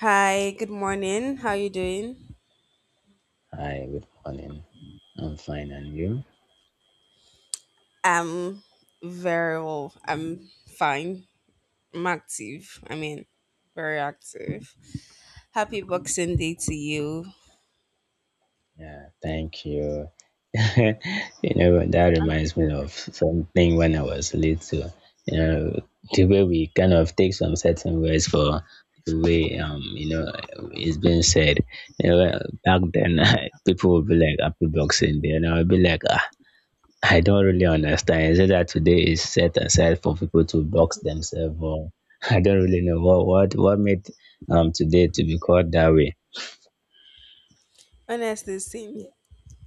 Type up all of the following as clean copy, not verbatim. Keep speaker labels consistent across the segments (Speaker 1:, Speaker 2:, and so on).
Speaker 1: Hi, good morning. How you doing?
Speaker 2: Hi, good morning. I'm fine, and you?
Speaker 1: Um, Very well. I'm fine. I'm active. Very active. Happy Boxing Day to you.
Speaker 2: Yeah, thank you. You know, that
Speaker 1: And
Speaker 2: reminds me of something when I was little. You know, the way we kind of take some certain words for the way it's been said. You know, back then people would be like happy boxing day, and I would be like, ah, I don't really understand. Is it that today is set aside for people to box themselves, or I don't really know what made today to be called that way.
Speaker 1: honestly, same here.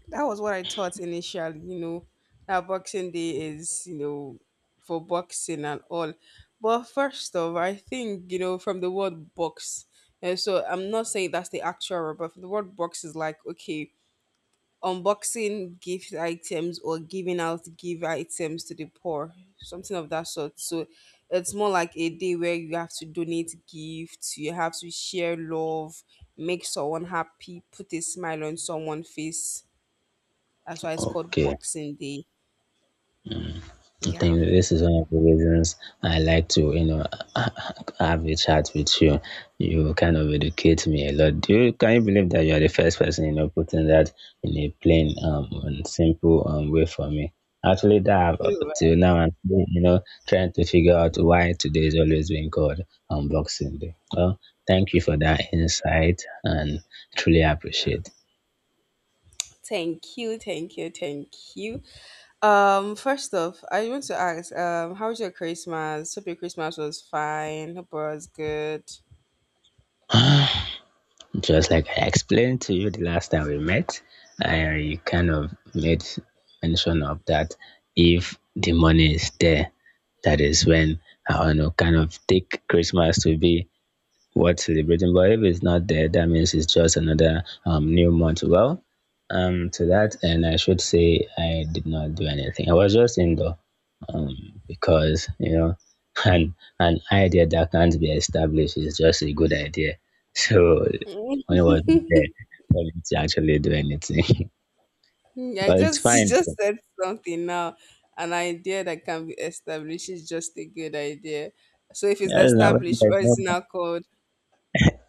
Speaker 1: That was what I thought initially. You know, that Boxing Day is, you know, for boxing and all. But first of, I think, you know, from the word box. And so I'm not saying that's the actual word, but from the word box is like okay, unboxing gift items or giving out gift items to the poor, something of that sort. So it's more like a day where you have to donate gifts, you have to share love, make someone happy, put a smile on someone's face. That's why it's called
Speaker 2: Okay.
Speaker 1: Boxing Day.
Speaker 2: I
Speaker 1: Yeah.
Speaker 2: think this is one of the reasons I like to, have a chat with you. You kind of educate me a lot. Can you believe that you are the first person, putting that in a plain and simple way for me? Actually, that up
Speaker 1: You're
Speaker 2: till now, I'm still, trying to figure out why today is always being called Unboxing Day. Well, thank you for that insight and truly
Speaker 1: welcome.
Speaker 2: appreciate.
Speaker 1: Thank you, thank you, thank you. First off, I want to ask, how was your Christmas? Hope your Christmas was fine. Hope it was good.
Speaker 2: Just like I explained to you the last time we met, I kind of made mention of that if the money is there, that is when I want to kind of take Christmas to be worth celebrating. But if it's not there, that means it's just another new month. Well, to that, and I should say I did not do anything. I was just indoor because, an, an idea that can't be established is just a good idea. So I wasn't there. Wasn't actually do anything.
Speaker 1: Mm, I
Speaker 2: Well, it's
Speaker 1: just you
Speaker 2: fine
Speaker 1: just
Speaker 2: though.
Speaker 1: said something now. An idea that can be established is just a good idea. So if it's
Speaker 2: Yeah, now when it
Speaker 1: established,
Speaker 2: is
Speaker 1: what is it
Speaker 2: not-.
Speaker 1: now called?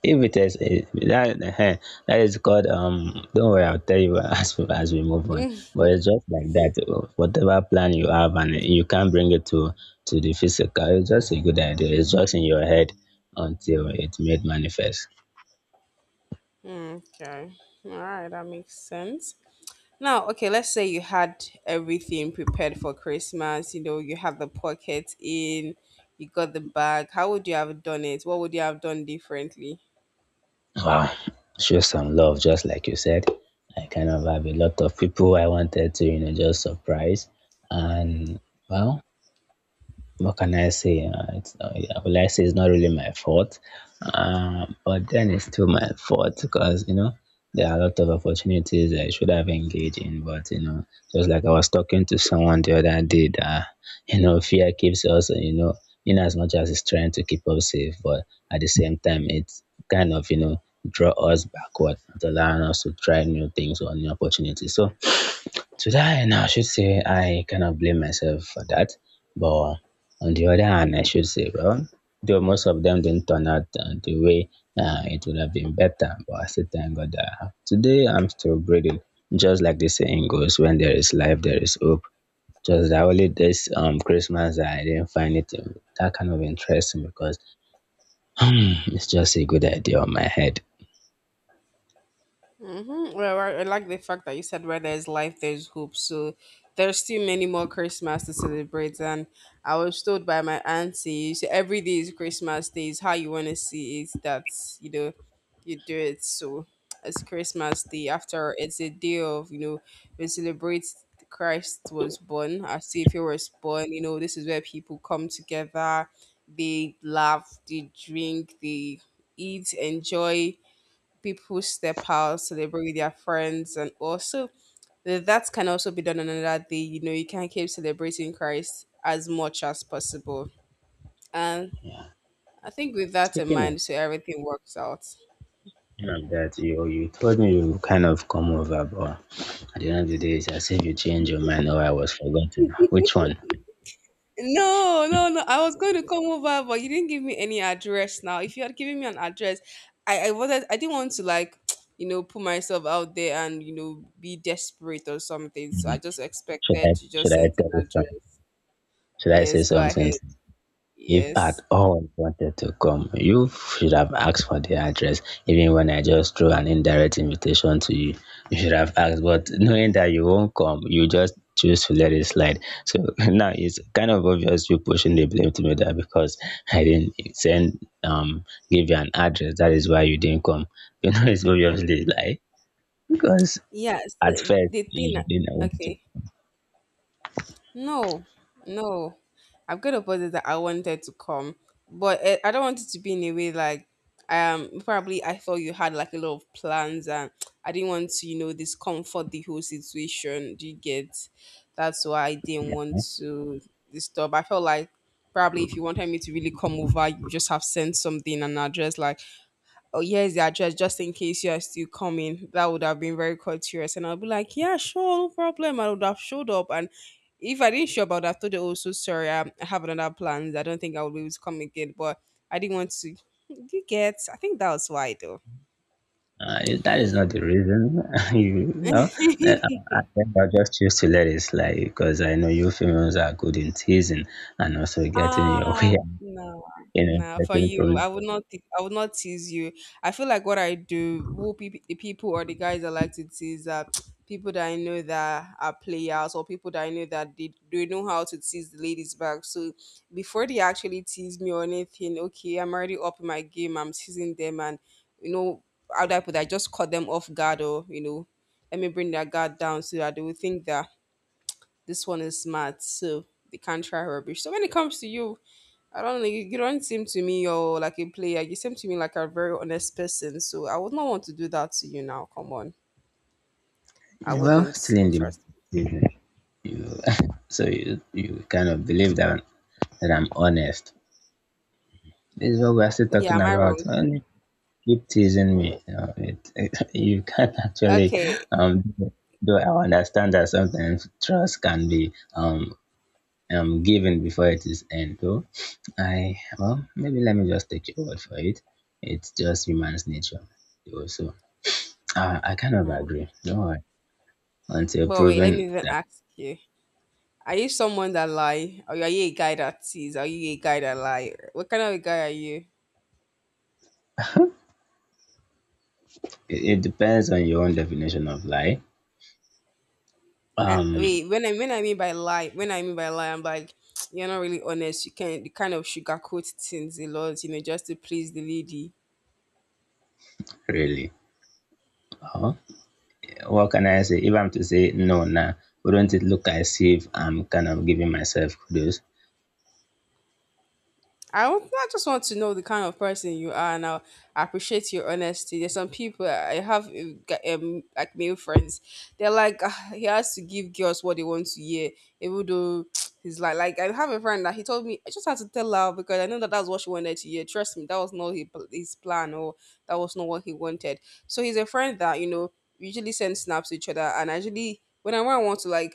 Speaker 2: If it is it, that, that is called. Don't worry, I'll tell you as we move on. But it's just like that. Whatever plan you have, and you can't bring it to the physical. It's just a good idea. It's just in your head until it made manifest.
Speaker 1: Mm, okay. All right, that makes sense. Now, okay, let's say you had everything prepared for Christmas. You know, you have the pocket in, you got the bag. How would you have done it? What would you have done differently?
Speaker 2: Wow, show some love, just like you said. I kind of have a lot of people I wanted to, just surprise. And well, what can I say? It's yeah, well, I say it's not really my fault, but then it's still my fault because there are a lot of opportunities I should have engaged in. But just like I was talking to someone the other day, that fear keeps us, in as much as it's trying to keep us safe, but at the same time, it's kind of draw us backward, not allowing us to try new things or new opportunities. So today, and I should say, I cannot blame myself for that. But on the other hand, I should say, well, though most of them didn't turn out the way it would have been better, but I still thank God that I have. Today I'm still breathing. Just like the saying goes, when there is life, there is hope. Just that only this Christmas I didn't find it that kind of interesting, because it's just a good idea on my head.
Speaker 1: Mm-hmm. Well, I like the fact that you said where there's life, there's hope. So there's still many more Christmas to celebrate. And I was told by my auntie, so every day is Christmas Day. Is how you want to see it. That's, you know, you do it. So it's Christmas Day. After it's a day of, you know, we celebrate Christ was born. As if he was born. You know, this is where people come together. They laugh, they drink, they eat, enjoy, people step out, celebrate with their friends, and also that can also be done on another day. You know, you can keep celebrating Christ as much as possible. And
Speaker 2: Yeah.
Speaker 1: I think with that in
Speaker 2: Speaking of
Speaker 1: mind, so everything works out.
Speaker 2: like that you told me you kind of come over, but at the end of the day it's as if you change your mind, or I was forgotten, which one?
Speaker 1: No, no, no. I was going to come over, but you didn't give me any address now. If you had given me an address, I wasn't I didn't want to like, you know, put myself out there and, you know, be desperate or something. So
Speaker 2: Hmm.
Speaker 1: I just
Speaker 2: should i
Speaker 1: expected you
Speaker 2: should
Speaker 1: just
Speaker 2: I
Speaker 1: sent an
Speaker 2: tell you
Speaker 1: address.
Speaker 2: some should I say
Speaker 1: Yes, go
Speaker 2: something?
Speaker 1: ahead.
Speaker 2: If at
Speaker 1: Yes.
Speaker 2: all wanted to come, you should have asked for the address. Even when I just threw an indirect invitation to you, you should have asked. But knowing that you won't come, you just choose to let it slide. So now it's kind of obvious, you pushing the blame to me that because I didn't send give you an address, that is why you didn't come. You know it's obviously a lie because
Speaker 1: Yes, the,
Speaker 2: at first
Speaker 1: the thing.
Speaker 2: you didn't want to.
Speaker 1: Okay, no, no, I've got a positive that I wanted to come, but eh, I don't want it to be in a way like, probably I thought you had like a lot of plans and I didn't want to, you know, discomfort the whole situation. Do you get? That's why I didn't want to disturb. I felt like probably if you wanted me to really come over, you just have sent something and address like, oh, here's the address just in case you are still coming. That would have been very courteous and I'll be like, yeah, sure, no problem, I would have showed up. And if I didn't show up I would have told you, oh, so sorry, I have another plans, I don't think I will be able to come again. But I didn't want to you get, I think that was why though.
Speaker 2: That is not the reason. you know, Then I think I just choose to let it slide, because I know you females are good in teasing and also getting your
Speaker 1: Ah,
Speaker 2: way
Speaker 1: no,
Speaker 2: in a
Speaker 1: no. For
Speaker 2: certain
Speaker 1: you,
Speaker 2: problem.
Speaker 1: I would not. I would not tease you. I feel like what I do, who peop the people or the guys I like to tease are people that I know that are players or people that I know that they know how to tease the ladies back. So before they actually tease me or anything, okay, I'm already up in my game. I'm teasing them, and you know, how do I put that? I just caught them off guard, or you know, let me bring their guard down so that they will think that this one is smart, so they can't try rubbish. So when it comes to you. I don't know. You don't seem to me you're like a player. You seem to me like a very honest person. So I would not want to do that to you now. Come on. I
Speaker 2: Well,
Speaker 1: wouldn't.
Speaker 2: still in the
Speaker 1: Trust
Speaker 2: teasing, you, so you kind of believe that that I'm honest. This is what we're still
Speaker 1: me. Yeah,
Speaker 2: talking
Speaker 1: am I wrong?
Speaker 2: about. And you keep teasing me. You know, it, you can't actually
Speaker 1: Okay.
Speaker 2: um, do I understand that sometimes trust can be given before it is end, though? I Well, maybe let me just take your word for it. It's just human's nature though. So I kind of
Speaker 1: Hmm.
Speaker 2: agree, don't worry until
Speaker 1: But wait, let me
Speaker 2: proven
Speaker 1: even
Speaker 2: that
Speaker 1: ask you. Are you someone that lie? Or are you a guy that tease? Are you a guy that lie? What kind of a guy are you?
Speaker 2: it depends on your own definition of lie um
Speaker 1: Wait, when I mean by lie, when I mean by lie, I'm like, you're not really honest. You can, you kind of sugarcoat things a lot, you know, just to please the lady.
Speaker 2: Really? Well, what can I say? If I'm to say no now, wouldn't it look as if I'm kind of giving myself kudos?
Speaker 1: I just want to know the kind of person you are, and I appreciate your honesty. There's some people I have, like male friends, they're like, "Ah, he has to give girls what they want to hear, even though he's like, I have a friend that he told me I just had to tell her because I know that that's what she wanted to hear. Trust me, that was not his plan or that was not what he wanted. So he's a friend that, you know, usually send snaps to each other, and actually when I want to like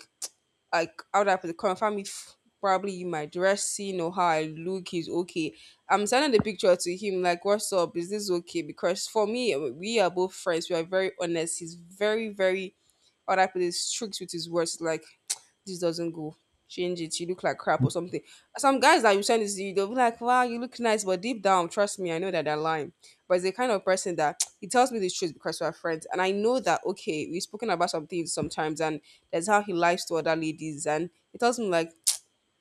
Speaker 1: like how do I put it, confirm if probably my dressing or how I look is okay. I'm sending the picture to him like, "What's up? Is this okay?" Because for me, we are both friends. We are very honest. He's very, very, how do I put it, strict with his words. Like this doesn't go. Change it. You look like crap or something. Some guys that you send this to, you, they'll be like, wow, you look nice, but deep down, trust me, I know that they're lying. But it's the kind of person that he tells me the truth because we're friends. And I know that, okay, we've spoken about some things sometimes, and that's how he lies to other ladies. And he tells me, like,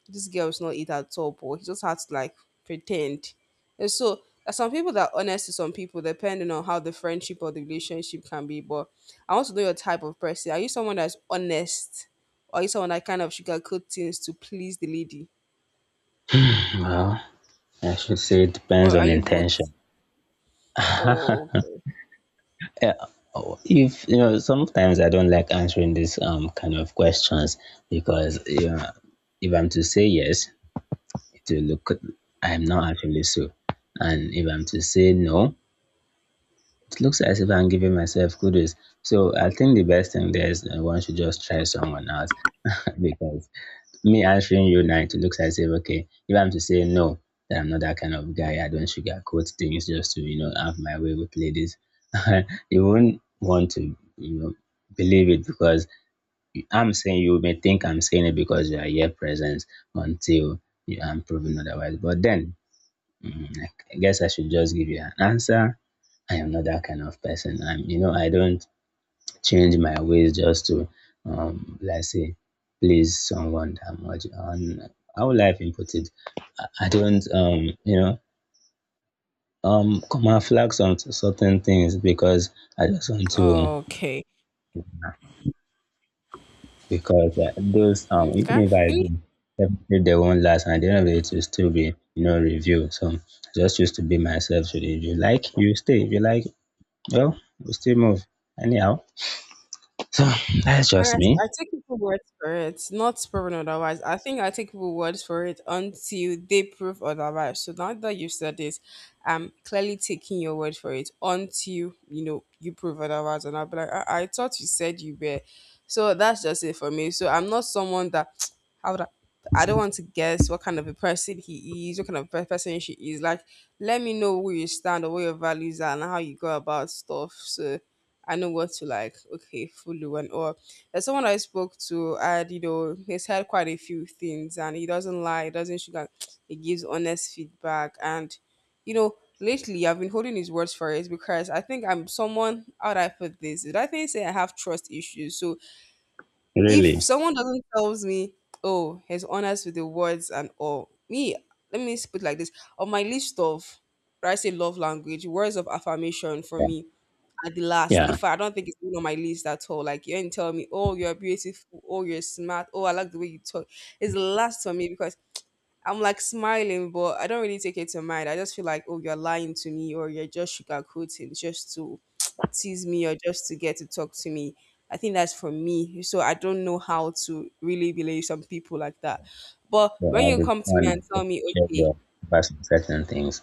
Speaker 1: this girl is not it at all, but he just had to like pretend. And so there are some people that are honest to some people, depending on how the friendship or the relationship can be. But I want to know your type of person. Are you someone that's honest? Or are you someone that kind of sugarcoat things to please the lady?
Speaker 2: Well, I should say it
Speaker 1: Or
Speaker 2: depends
Speaker 1: are
Speaker 2: on
Speaker 1: you
Speaker 2: intention.
Speaker 1: both? Oh, okay.
Speaker 2: Uh, if you know, Sometimes I don't like answering these kind of questions, because if I'm to say yes, it will look I'm not actually so, and if I'm to say no, it looks as if I'm giving myself kudos. So I think the best thing there is, one should just try someone out, because me answering you now, it looks as if, okay, if I'm to say no, that I'm not that kind of guy, I don't sugarcoat things just to, have my way with ladies, you won't want to, believe it, because I'm saying, you may think I'm saying it because you are here present until you are proven otherwise. But then, mm, I I guess I should just give you an answer. I am not that kind of person. I'm, I don't change my ways just to, let's say, please someone that much. And how will I even put it? I don't come and flag some certain things because I just want to.
Speaker 1: Okay.
Speaker 2: Because those, even
Speaker 1: Okay.
Speaker 2: if I do, if they won't last, and at the end of the day it will still be review. So I just used to be myself. So if you like you stay, if you like, well, we still move anyhow. So that's
Speaker 1: And
Speaker 2: just me.
Speaker 1: I take people's words for it, not proven otherwise. I think I take people's words for it until they prove otherwise. So now that you said this, I'm clearly taking your word for it until, you know, you prove otherwise. And I'll be like, I thought you said you were. So that's just it for me. So I'm not someone that, how would I don't want to guess what kind of a person he is, what kind of person she is. Like, let me know where you stand or where your values are and how you go about stuff. So I know what to like, okay, follow and all. There's someone I spoke to, and you know, he's had quite a few things, and he doesn't lie, he doesn't sugar, he gives honest feedback, and you know, lately I've been holding his words for it because I think I'm someone. How do I put this? I think say I have trust issues, so if
Speaker 2: Really.
Speaker 1: someone doesn't tells me, oh, he's honest with the words and all, me, let me just put it like this. On my list of, right, I say love language, words of affirmation for me at the last.
Speaker 2: Yeah.
Speaker 1: If I don't think it's even on my list at all, like you ain't tell me, oh, you're beautiful, oh, you're smart, oh, I like the way you talk. It's the last for me because I'm like smiling, but I don't really take it to mind. I just feel like, oh, you're lying to me, or you're just sugarcoating just to tease me, or just to get to talk to me. I think that's for me. So I don't know how to really believe some people like that. But
Speaker 2: But
Speaker 1: when
Speaker 2: I'll
Speaker 1: you
Speaker 2: be
Speaker 1: come to me
Speaker 2: fun
Speaker 1: and tell
Speaker 2: to
Speaker 1: me,
Speaker 2: share
Speaker 1: okay,
Speaker 2: your advice on certain things.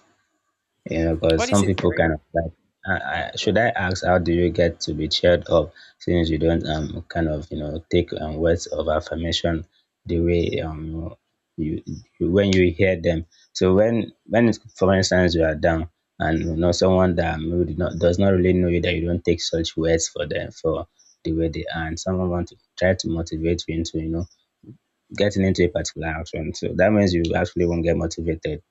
Speaker 1: what
Speaker 2: Because
Speaker 1: do you
Speaker 2: some
Speaker 1: say,
Speaker 2: people
Speaker 1: Terry?
Speaker 2: kind of like, should I ask, how do you get to be cheered up since you don't kind of take words of affirmation the way you, you when you hear them? So when it's, for instance, you are down and you know someone that maybe did not does not really know you, that you don't take such words for them for the way they are, and someone want to try to motivate you into getting into a particular action. So that means you actually won't get motivated.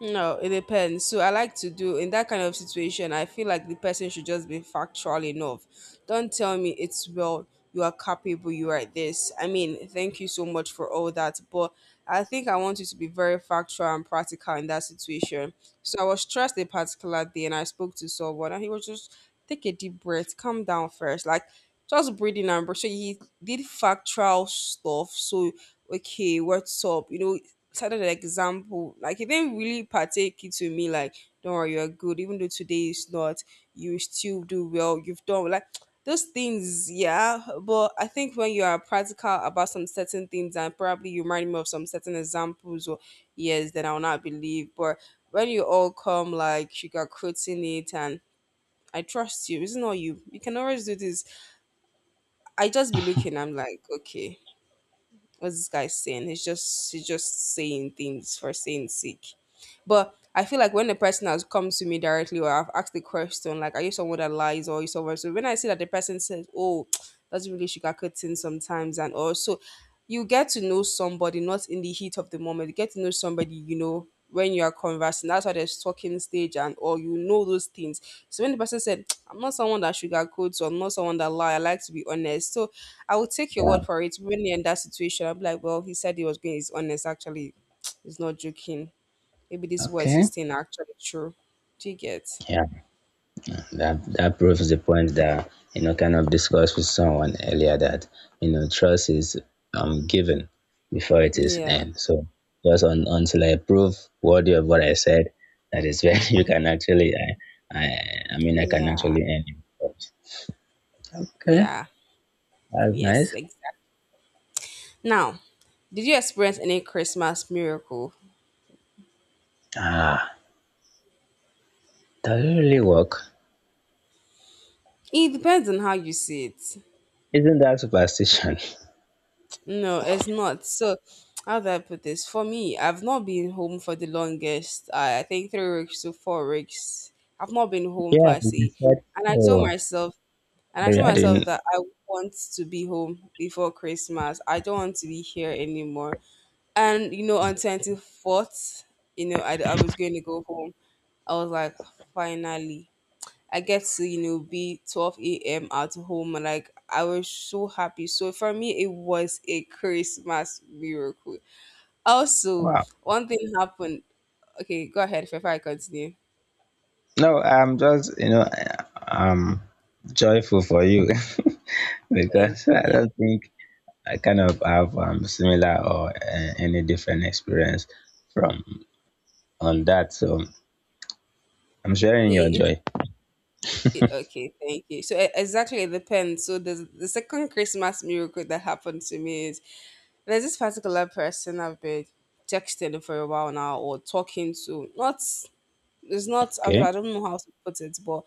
Speaker 1: No, it depends. So I like to do in that kind of situation. I feel like the person should just be factual enough. Don't tell me it's well, you are capable, you are this. I mean, thank you so much for all that, but I think I want you to be very factual and practical in that situation. So I was stressed a particular day, and I spoke to someone, and he was just, take a deep breath, calm down first, like just breathing and breath. So he did factual stuff. So okay, what's up? Set an example. Like he didn't really partake it to me like, "Don't worry, you're good. Even though today is not, you still do well. You've done well," like those things, yeah. But I think when you are practical about some certain things and probably you remind me of some certain examples or yes, then I'll not believe. But when you all come like sugarcoating it and "I trust you, it's not you. You can always do this." I just be looking, I'm like, okay, what's this guy saying? He's just saying things for saying sake. But I feel like when the person has come to me directly or I've asked the question, like, are you someone that lies or are you someone? So when I see that the person says, oh, that's really sugarcoating sometimes. And also, you get to know somebody not in the heat of the moment. You get to know somebody, when you are conversing. That's why there's talking stage and or those things. So when the person said, I'm not someone that sugarcoats or I'm not someone that lie, I like to be honest. So I would take your
Speaker 2: Yeah.
Speaker 1: word for it. When you in that situation, I'm like, well, he said he was being he's honest. Actually, he's not joking. Maybe this was
Speaker 2: Okay.
Speaker 1: his thing actually true. Do you get?
Speaker 2: Yeah, that proves the point that kind of discussed with someone earlier, that trust is given before it is
Speaker 1: Yeah.
Speaker 2: earned. So just until I prove worthy of what I said, that is when you can actually. I I, I mean, I can
Speaker 1: Yeah.
Speaker 2: actually earn it. Okay,
Speaker 1: Yeah.
Speaker 2: that's
Speaker 1: Yes,
Speaker 2: nice.
Speaker 1: exactly. Now, did you experience any Christmas miracle?
Speaker 2: Ah, does it really work?
Speaker 1: It depends on how you see it.
Speaker 2: Isn't that superstition?
Speaker 1: No, it's not. So, how do I put this? For me, I've not been home for the longest. I think 3 weeks to 4 weeks. I've not been home
Speaker 2: Yeah,
Speaker 1: per se.
Speaker 2: I said
Speaker 1: And I told
Speaker 2: so.
Speaker 1: myself And I
Speaker 2: Maybe
Speaker 1: told
Speaker 2: I
Speaker 1: myself
Speaker 2: didn't.
Speaker 1: that I want to be home before Christmas. I don't want to be here anymore. And you know, on 24th, you know, I was going to go home. I was like, finally, I get to be 12 a.m. at home. And like, I was so happy. So for me, it was a Christmas miracle. Also,
Speaker 2: Wow.
Speaker 1: one thing happened. Okay, go ahead before I continue.
Speaker 2: No, I'm just, I'm joyful for you,
Speaker 1: Thank
Speaker 2: because I
Speaker 1: you.
Speaker 2: don't think I kind of have similar or any different experience from on that. So I'm sharing your
Speaker 1: It, it,
Speaker 2: joy.
Speaker 1: Okay, thank you. So exactly, it depends. So the second Christmas miracle that happened to me is there's this particular person I've been texting for a while now or talking to. Not it's not I don't
Speaker 2: Okay.
Speaker 1: I don't know how to put it, but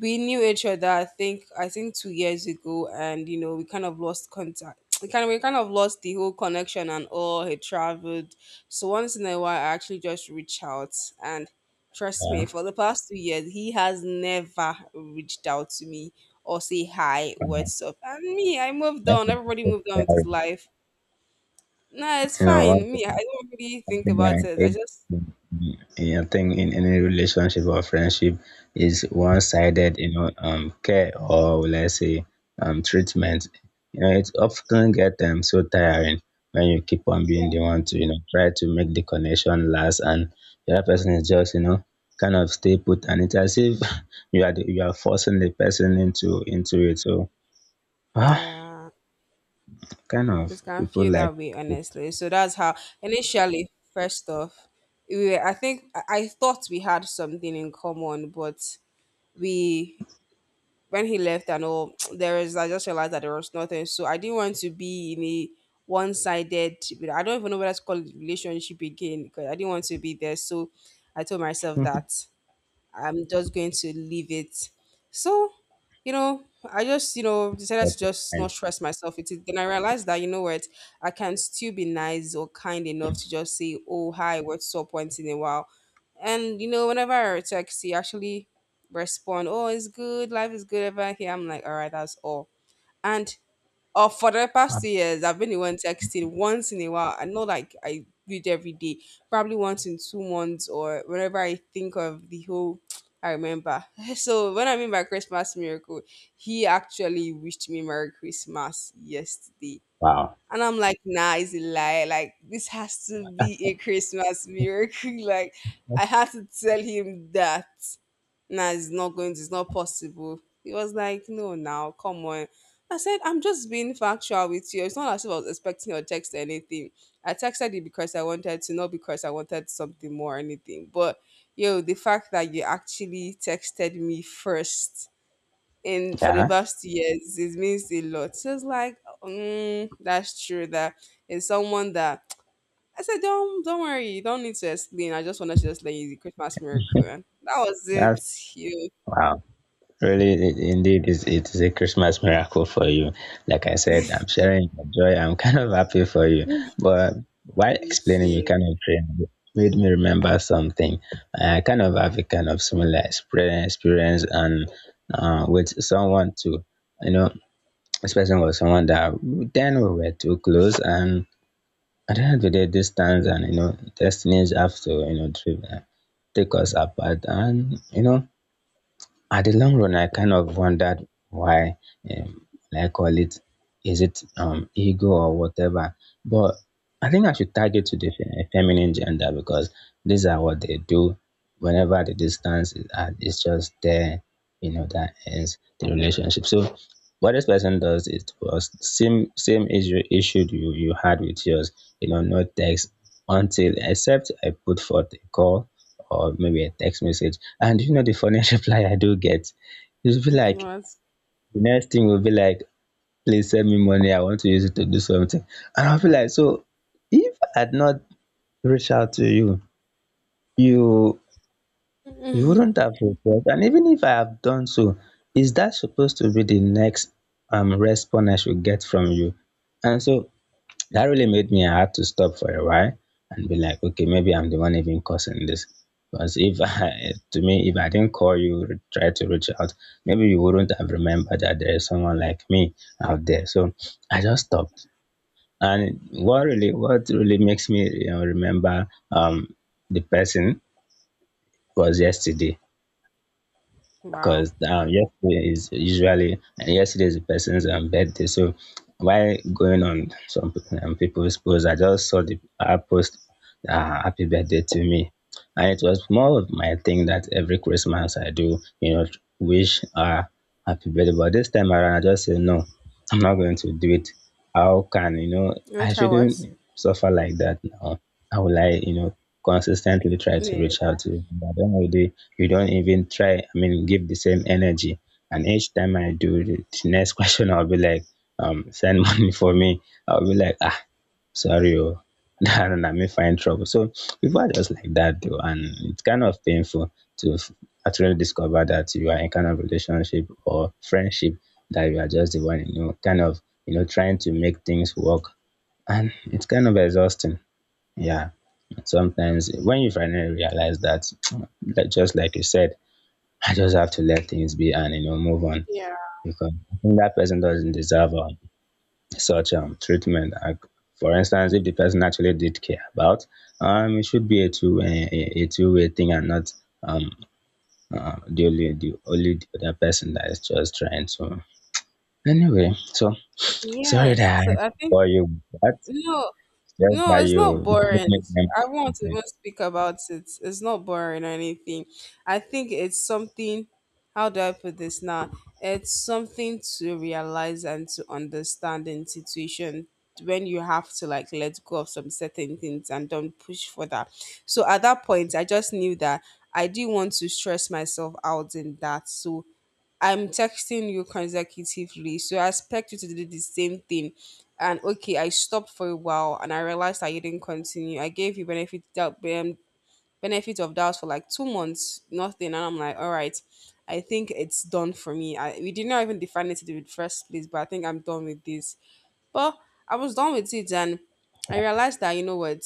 Speaker 1: we knew each other. I think 2 years ago, and you know we kind of lost contact. We kind of lost the whole connection and all. He traveled, so once in a while I actually just reach out. And trust me,
Speaker 2: Yeah.
Speaker 1: for the past 2 years he has never reached out to me or say hi,
Speaker 2: Uh,
Speaker 1: what's up. And me, I moved
Speaker 2: that's
Speaker 1: on.
Speaker 2: a-
Speaker 1: Everybody moved on
Speaker 2: that's
Speaker 1: with his
Speaker 2: a-
Speaker 1: life. Nah, it's
Speaker 2: You know, one
Speaker 1: fine. Me,
Speaker 2: thing
Speaker 1: I don't really think
Speaker 2: Something I
Speaker 1: about it. I
Speaker 2: hate
Speaker 1: just,
Speaker 2: in a thing in any relationship or friendship is one-sided, care, or let's say, treatment. It often get so tiring when you keep on
Speaker 1: yeah,
Speaker 2: being the one to, try to make the connection last, and the other person is just, kind of stay put, and it's as if you are forcing the person into it. So, ah,
Speaker 1: yeah.
Speaker 2: kind
Speaker 1: It
Speaker 2: of
Speaker 1: can
Speaker 2: people
Speaker 1: feel
Speaker 2: like
Speaker 1: that way,
Speaker 2: to
Speaker 1: honestly. So that's how initially, first off, we were, I think I thought we had something in common, but we, when he left and all, there is, I just realized that there was nothing. So I didn't want to be in a one sided, I don't even know what to call it, relationship again, because I didn't want to be there. So I told myself that I'm just going to leave it. So, you know, I just, you know, decided
Speaker 2: take
Speaker 1: to
Speaker 2: their
Speaker 1: just not
Speaker 2: time.
Speaker 1: stress myself with it. Then I realized that, you know what, I can still be nice or kind enough to just say, oh, hi, what's up once in a while. And, you know, whenever I text, he actually respond, oh, it's good, life is good, ever here. I'm like, all right, that's all. And or for the past 2 years, I've been the one texting once in a while. I know like I do it every day, probably once in 2 months or whenever I think of the whole I remember. So when I mean by Christmas miracle, he actually wished me Merry Christmas yesterday.
Speaker 2: Wow.
Speaker 1: And I'm like, nah, it's a lie. Like this has to be a Christmas miracle. Like I had to tell him that nah, it's not going to, it's not possible. He was like, no, now, come on. I said, I'm just being factual with you. It's not as if I was expecting your text or anything. I texted you because I wanted to, not because I wanted something more or anything. But, yo, the fact that you actually texted me first in for the
Speaker 2: Yeah,
Speaker 1: past 2 years, it means a lot. So it's like, mm, that's true. That is someone that, I said, don't worry, you don't need to explain. I just wanted to just let you the Christmas miracle. And that was it.
Speaker 2: that's
Speaker 1: You.
Speaker 2: wow. Really, indeed, it is a Christmas miracle for you. Like I said, I'm sharing my joy. I'm kind of happy for you. But while
Speaker 1: Thank
Speaker 2: explaining you
Speaker 1: you.
Speaker 2: kind of dream, it made me remember something. I kind of have a kind of similar experience and with someone too. You know, this person was someone that then we were too close, and at the end of the day, distance and destinies have to drive, take us apart, and at the long run I kind of wondered why um I call it is it ego or whatever but I think I should tag it to the feminine gender because these are what they do whenever the distance is at it's just there. You know that ends the relationship. So what this person does is was same issue you had with yours, you know, no text until except I put forth a call or maybe a text message. And you know the funniest reply I do get? It'll be like
Speaker 1: What?
Speaker 2: the next thing will be like, please send me money. I want to use it to do something. And I'll be like, so if I had not reached out to you, you you wouldn't have replied. And even if I have done so, is that supposed to be the next response I should get from you? And so that really made me I had to stop for a while and be like okay maybe I'm the one even causing this because if I to me if I didn't call you try to reach out, maybe you wouldn't have remembered that there is someone like me out there. So I just stopped. And what really makes me, you know, remember um the person was yesterday,
Speaker 1: Wow.
Speaker 2: because yesterday is usually yesterday is the person's birthday. So while going on some people's posts, I just saw the post "Happy Birthday to me," and it was more of my thing that every Christmas I do, you know, wish happy birthday. But this time around, I just say no, I'm not going to do it. How can you know? I
Speaker 1: Which are what?
Speaker 2: shouldn't suffer like that now. How will I, you know, consistently try to
Speaker 1: Yeah.
Speaker 2: reach out to you? But at the end of the day, you don't even try, I mean, give the same energy. And each time I do the next question, I'll be like, send money for me. I'll be like, ah, sorry, oh, and I may find trouble. So people are just like that, though, and it's kind of painful to actually discover that you are in kind of relationship or friendship that you are just the one, you know, kind of, you know, trying to make things work, and it's kind of exhausting. Yeah. Sometimes when you finally realize that, that just like you said, I just have to let things be and you know move on
Speaker 1: Yeah.
Speaker 2: because that person doesn't deserve such treatment. Like, for instance, if the person actually did care about, it should be a two-way thing and not um the only the other person that is just trying to. Anyway, so sorry
Speaker 1: Yes.
Speaker 2: that I
Speaker 1: So
Speaker 2: had
Speaker 1: I
Speaker 2: to
Speaker 1: think,
Speaker 2: bore you with that.
Speaker 1: no.
Speaker 2: Just
Speaker 1: No,
Speaker 2: that
Speaker 1: it's not boring. I want to
Speaker 2: you.
Speaker 1: even speak about it. It's not boring or anything. I think it's something. How do I put this now? It's something to realize and to understand in situation when you have to like let go of some certain things and don't push for that. So at that point, I just knew that I didn't want to stress myself out in that. So I'm texting you consecutively, so I expect you to do the same thing. And okay, I stopped for a while and I realized I didn't continue. I gave you benefit doubt benefit of doubt for like 2 months, nothing, and I'm like, all right, I think it's done for me. I, we did not even define it in the first place, but I think I'm done with this. But I was done with it and I realized that, you know what,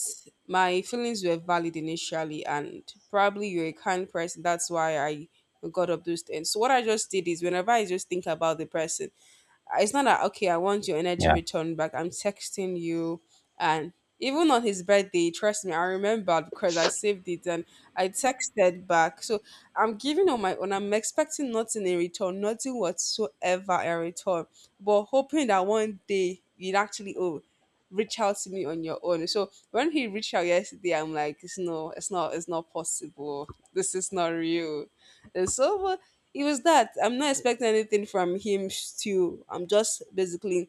Speaker 1: my feelings were valid initially and probably you're a kind person. That's why I got up those things. So what I just did is whenever I just think about the person, it's not that okay, I want your energy
Speaker 2: Yeah,
Speaker 1: returned back, I'm texting you. And even on his birthday, trust me, I remember because I saved it, and I texted back. So I'm giving on my own, I'm expecting nothing in return, nothing whatsoever in return, but hoping that one day you'd actually oh reach out to me on your own. So when he reached out yesterday, I'm like, it's no, it's not possible. This is not real. And so, but it was that I'm not expecting anything from him still. I'm just basically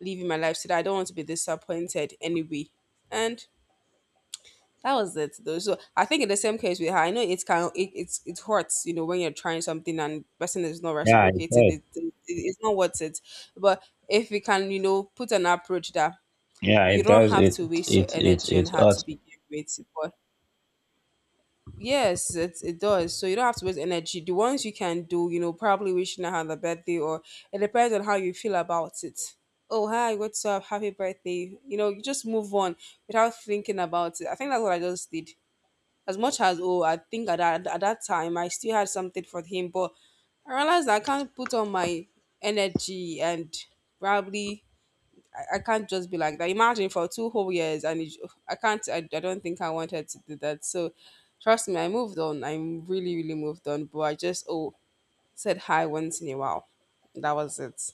Speaker 1: living my life so that I don't want to be disappointed anyway. And that was it though. So I think in the same case with her, I know it's kind of it hurts, you know, when you're trying something and person is not
Speaker 2: yeah.
Speaker 1: reciprocated,
Speaker 2: does.
Speaker 1: it's not worth it. But if we can, you know, put an approach that
Speaker 2: Yeah,
Speaker 1: you
Speaker 2: it
Speaker 1: don't
Speaker 2: does.
Speaker 1: have
Speaker 2: It
Speaker 1: to waste your
Speaker 2: it it
Speaker 1: energy on
Speaker 2: it
Speaker 1: her to
Speaker 2: ought.
Speaker 1: begin with, but yes, it does. So you don't have to waste energy. The ones you can do, you know, probably wishing I had a birthday or it depends on how you feel about it. Oh, hi, what's up? Happy birthday. You know, you just move on without thinking about it. I think that's what I just did. As much as, oh, I think at that time I still had something for him, but I realized I can't put on my energy and probably I can't just be like that. Imagine for two whole years, and it, I can't. I don't think I wanted to do that. So, trust me, I moved on. I'm really, really moved on. But I just oh said hi once in a while. That was it.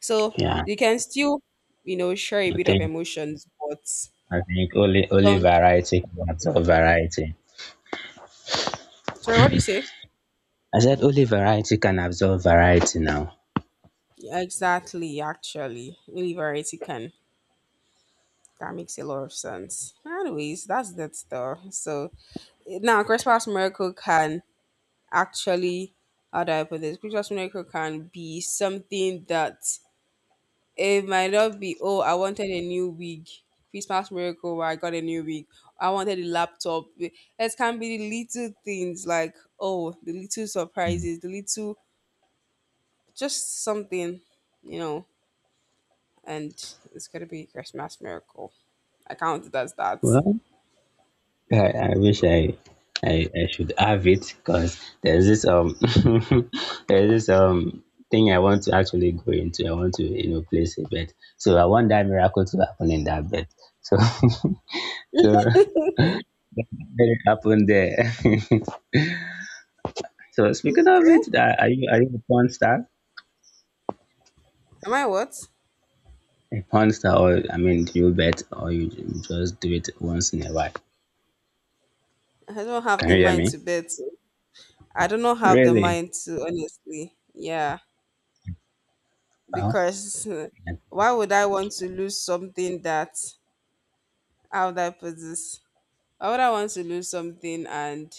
Speaker 1: So
Speaker 2: Yeah,
Speaker 1: you can still, you know, share a
Speaker 2: I
Speaker 1: bit of
Speaker 2: think
Speaker 1: emotions, but
Speaker 2: only
Speaker 1: don't.
Speaker 2: variety can absorb variety.
Speaker 1: Sorry, what do you say?
Speaker 2: I said only variety can absorb variety. Now,
Speaker 1: Exactly. Actually, really, variety can. That makes a lot of sense. Anyways, that's that stuff. So now, Christmas miracle can actually, how do I put this? Christmas miracle can be something that it might not be, oh, I wanted a new wig. Christmas miracle where I got a new wig. I wanted a laptop. It can be the little things like, oh, the little surprises, the little just something, you know, and it's gonna be Christmas miracle. I count it as that.
Speaker 2: well, I wish I should have it because there's this there's this thing I want to actually go into. I want to you know place a bet. So I want that miracle to happen in that bet. So so let it happen there. So speaking of
Speaker 1: Okay.
Speaker 2: it, are you a porn star?
Speaker 1: Am I what?
Speaker 2: A porn star or I mean, do you bet or you just do it once in a while?
Speaker 1: I don't have
Speaker 2: Can
Speaker 1: the
Speaker 2: you hear
Speaker 1: mind
Speaker 2: me?
Speaker 1: to bet. I do not have the
Speaker 2: Really?
Speaker 1: mind to honestly. Yeah.
Speaker 2: Oh,
Speaker 1: Because
Speaker 2: yeah,
Speaker 1: why would I want to lose something that, how would I put this? Why would I want to lose something, and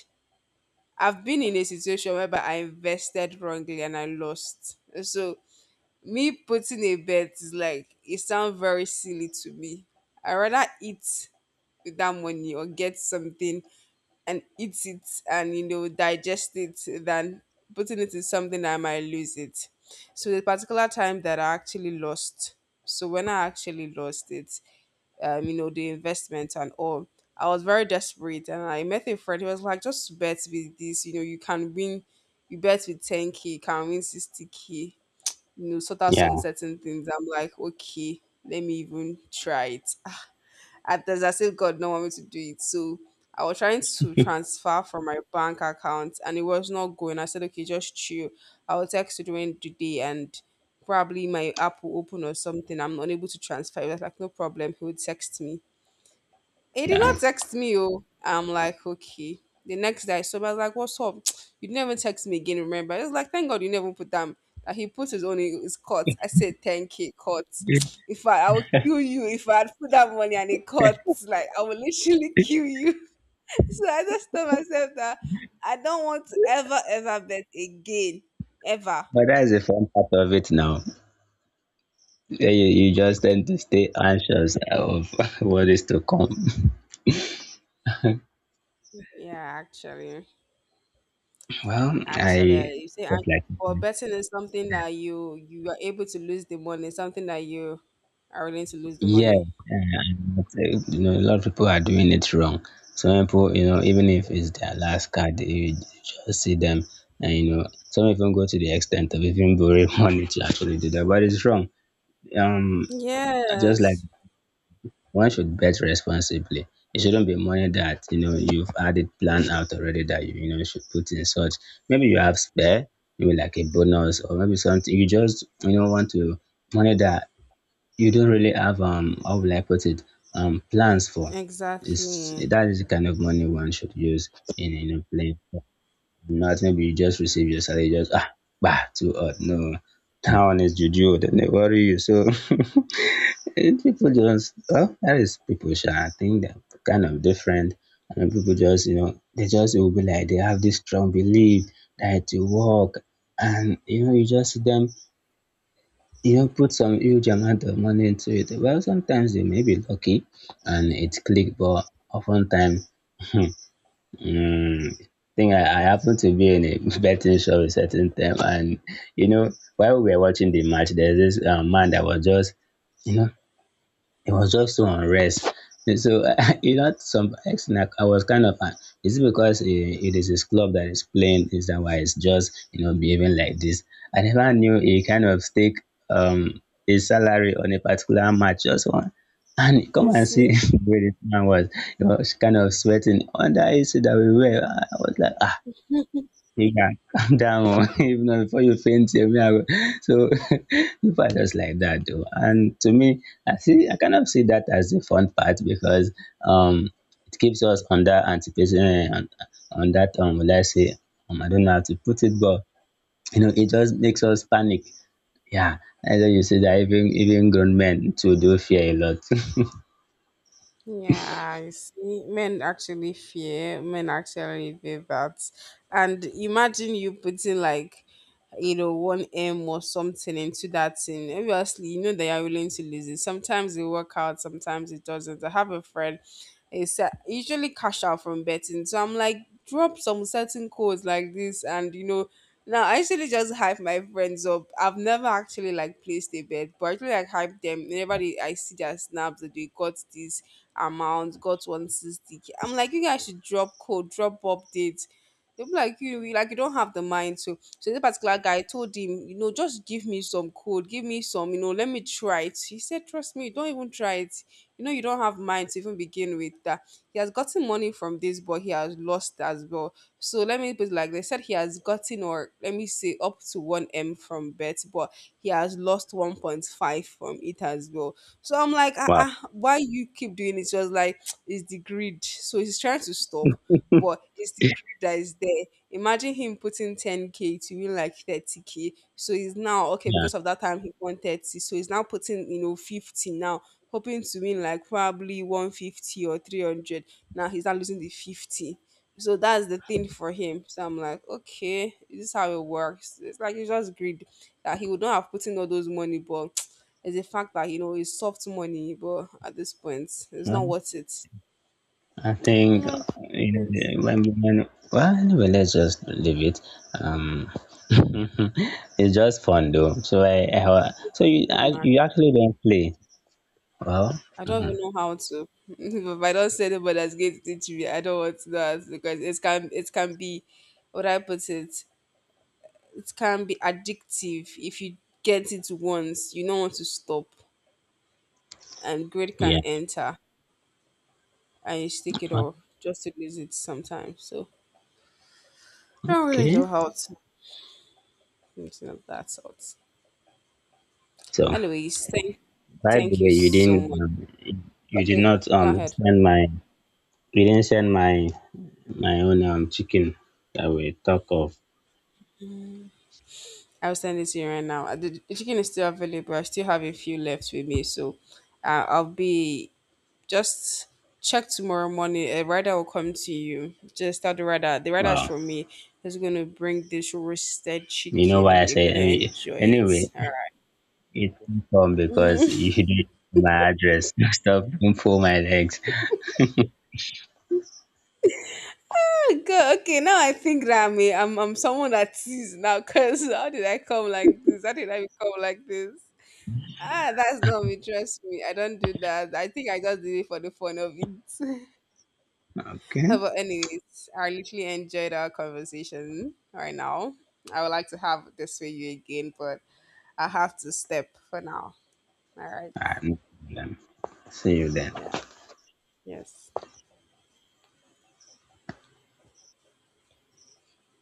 Speaker 1: I've been in a situation whereby I invested wrongly and I lost. So me putting a bet is like it sounds very silly to me. I rather eat with that money or get something and eat it and digest it than putting it in something that I might lose it. So the particular time that I actually lost, so when I actually lost it, the investment and all, I was very desperate and I met a friend who was like, just bet with this, you can win. You bet with 10k, you can win 60k. Sort out some
Speaker 2: yeah.
Speaker 1: certain things. I'm like, okay, let me even try it at there's as if God don't want me to do it. So I was trying to transfer from my bank account and it was not going. I said, okay, just chill. I will text you during the day and probably my app will open or something. I'm unable to transfer. He was like, no problem. He would text me. He did
Speaker 2: yeah.
Speaker 1: not text me. Oh, I'm like, okay. The next day, so I was like, what's up? You never text me again. Remember? It's like, thank God you never put them. That he put his own in his court. I said, thank you, court. If I would kill you if I had put that money and it cut. Like I will literally kill you. So I just told myself that I don't want to ever, ever bet again, ever.
Speaker 2: But that is a fun part of it now. Yeah. You just tend to stay anxious of what is to come.
Speaker 1: Yeah, actually.
Speaker 2: Well,
Speaker 1: Actually,
Speaker 2: I
Speaker 1: you say anxious,
Speaker 2: just like
Speaker 1: but
Speaker 2: it.
Speaker 1: betting is something that you are able to lose the money, something that you are willing to lose the
Speaker 2: Yes,
Speaker 1: money.
Speaker 2: but, you know, a lot of people are doing it wrong. Some people, you know, even if it's their last card, you just see them, and you know, some even go to the extent of even borrowing money to actually do that. But it's wrong. Um, just like
Speaker 1: Yes,
Speaker 2: one should bet responsibly. It shouldn't be money that you know you've had it planned out already that you know should put in such. Maybe you have spare, maybe like a bonus, or maybe something you just you know want to money that you don't really have how will I put it plans for. It's
Speaker 1: exactly.
Speaker 2: that is the kind of money one should use in a plane. Not maybe you just receive your salary, just ah bah too odd. No, that one is juju. Then they worry you. So Eh, people just well, that is people. Sha, I think they're kind of different. And people just you know they just will be like they have this strong belief that to work and you know you just see them, you know, put some huge amount of money into it. Well, sometimes you may be lucky and it click, but oftentimes, mm, think I happened to be in a betting shop a certain time, and you know, while we were watching the match, there's this man that was just, you know, it was just so unrest. And so I, you know, some extent, I was kind of, is it because it is his club that is playing? Is that why it's just you know behaving like this? I never knew he kind of stake his salary on a particular match just one. And
Speaker 1: You
Speaker 2: come and see
Speaker 1: see?
Speaker 2: where this man was. He was kind of sweating under AC that we were. I was like, ah, you can calm down. if not, before you faint here, me, I go. So people are just like that, though. And to me, I see, I kind of see that as the fun part because um, it keeps us on that anticipation, eh, on, that let's say, I don't know how to put it, but you know, it just makes us panic. Yeah, and then you see that even grown men too do fear a lot.
Speaker 1: Yeah, you see, men actually fear that. And imagine you putting like, one M or something into that thing. Obviously, you know that you're willing to lose it. Sometimes it work out, sometimes it doesn't. I have a friend, it's usually cash out from betting. So I'm like, drop some certain codes like this, and now I usually just hype my friends up. I've never actually like placed a bet, but I actually like hype them. Whenever they, I see their snaps that they got this, amount, got 160 sixty. I'm like, you guys should drop code, drop updates. They'll be like, like you don't have the mind to. So this particular guy told him, just give me some code, give me some, let me try it. He said, trust me, don't even try it. You don't have mind to even begin with that. He has gotten money from this, but he has lost as well. So let me put it like they said he has gotten or let me say up to one M from bet, but he has lost 1.5 from it as well. So I'm like, ah,
Speaker 2: Wow.
Speaker 1: ah, why you keep doing it? She was like, it's the greed. So he's trying to stop, but it's the greed that is there. Imagine him putting 10k to win like 30k. So he's now okay because of that time he won 30. So he's now putting 50 now, hoping to win like probably 150 or 300. Now he's not losing the 50. So that's the thing for him. So I'm like, okay, this is how it works. It's like it's just greed that he would not have put in all those money, but it's the fact that it's soft money, but at this point, it's
Speaker 2: Yeah.
Speaker 1: not worth it.
Speaker 2: I think you know when well anyway let's just leave it. Um, it's just fun though. So I
Speaker 1: It
Speaker 2: so
Speaker 1: is
Speaker 2: you
Speaker 1: fun, act-
Speaker 2: you actually don't play. Well,
Speaker 1: I don't
Speaker 2: mhm,
Speaker 1: even know how to. If I don't say anybody that's going to teach me, I don't want that because it can be, what I put it, it can be addictive if you get it once. You don't want to stop, and greed can
Speaker 2: yeah,
Speaker 1: enter and you stick it off just to lose it sometimes. So I don't really
Speaker 2: okay.
Speaker 1: know how to something of that sort.
Speaker 2: So
Speaker 1: Anyways, thank
Speaker 2: by the
Speaker 1: thank you
Speaker 2: way, you
Speaker 1: so
Speaker 2: didn't
Speaker 1: much.
Speaker 2: you did
Speaker 1: Okay,
Speaker 2: not
Speaker 1: go ahead.
Speaker 2: send my you didn't send my my own chicken that we talk of.
Speaker 1: I'll send it to you right now. The chicken is still available. I still have a few left with me, so I'll be just check tomorrow morning. A rider will come to you. Just start the rider. The rider is
Speaker 2: Wow,
Speaker 1: from me. It's gonna bring this roasted
Speaker 2: you know why
Speaker 1: chicken.
Speaker 2: I
Speaker 1: You're
Speaker 2: say
Speaker 1: gonna
Speaker 2: anyway.
Speaker 1: enjoy it.
Speaker 2: Anyway,
Speaker 1: All right.
Speaker 2: it won't come because you don't know my address. Stop, don't pull my legs.
Speaker 1: Good. Okay. Now I think that I'm someone that sees now. Cause how did I come like this? How did I become like this? Ah, that's not me. Trust me. I don't do that. I think I just did it for the fun of it.
Speaker 2: Okay?
Speaker 1: But anyways, I literally enjoyed our conversation right now. I would like to have this with you again, but I have to step for now. All right.
Speaker 2: Ah, no problem. See you then.
Speaker 1: Yeah. Yes.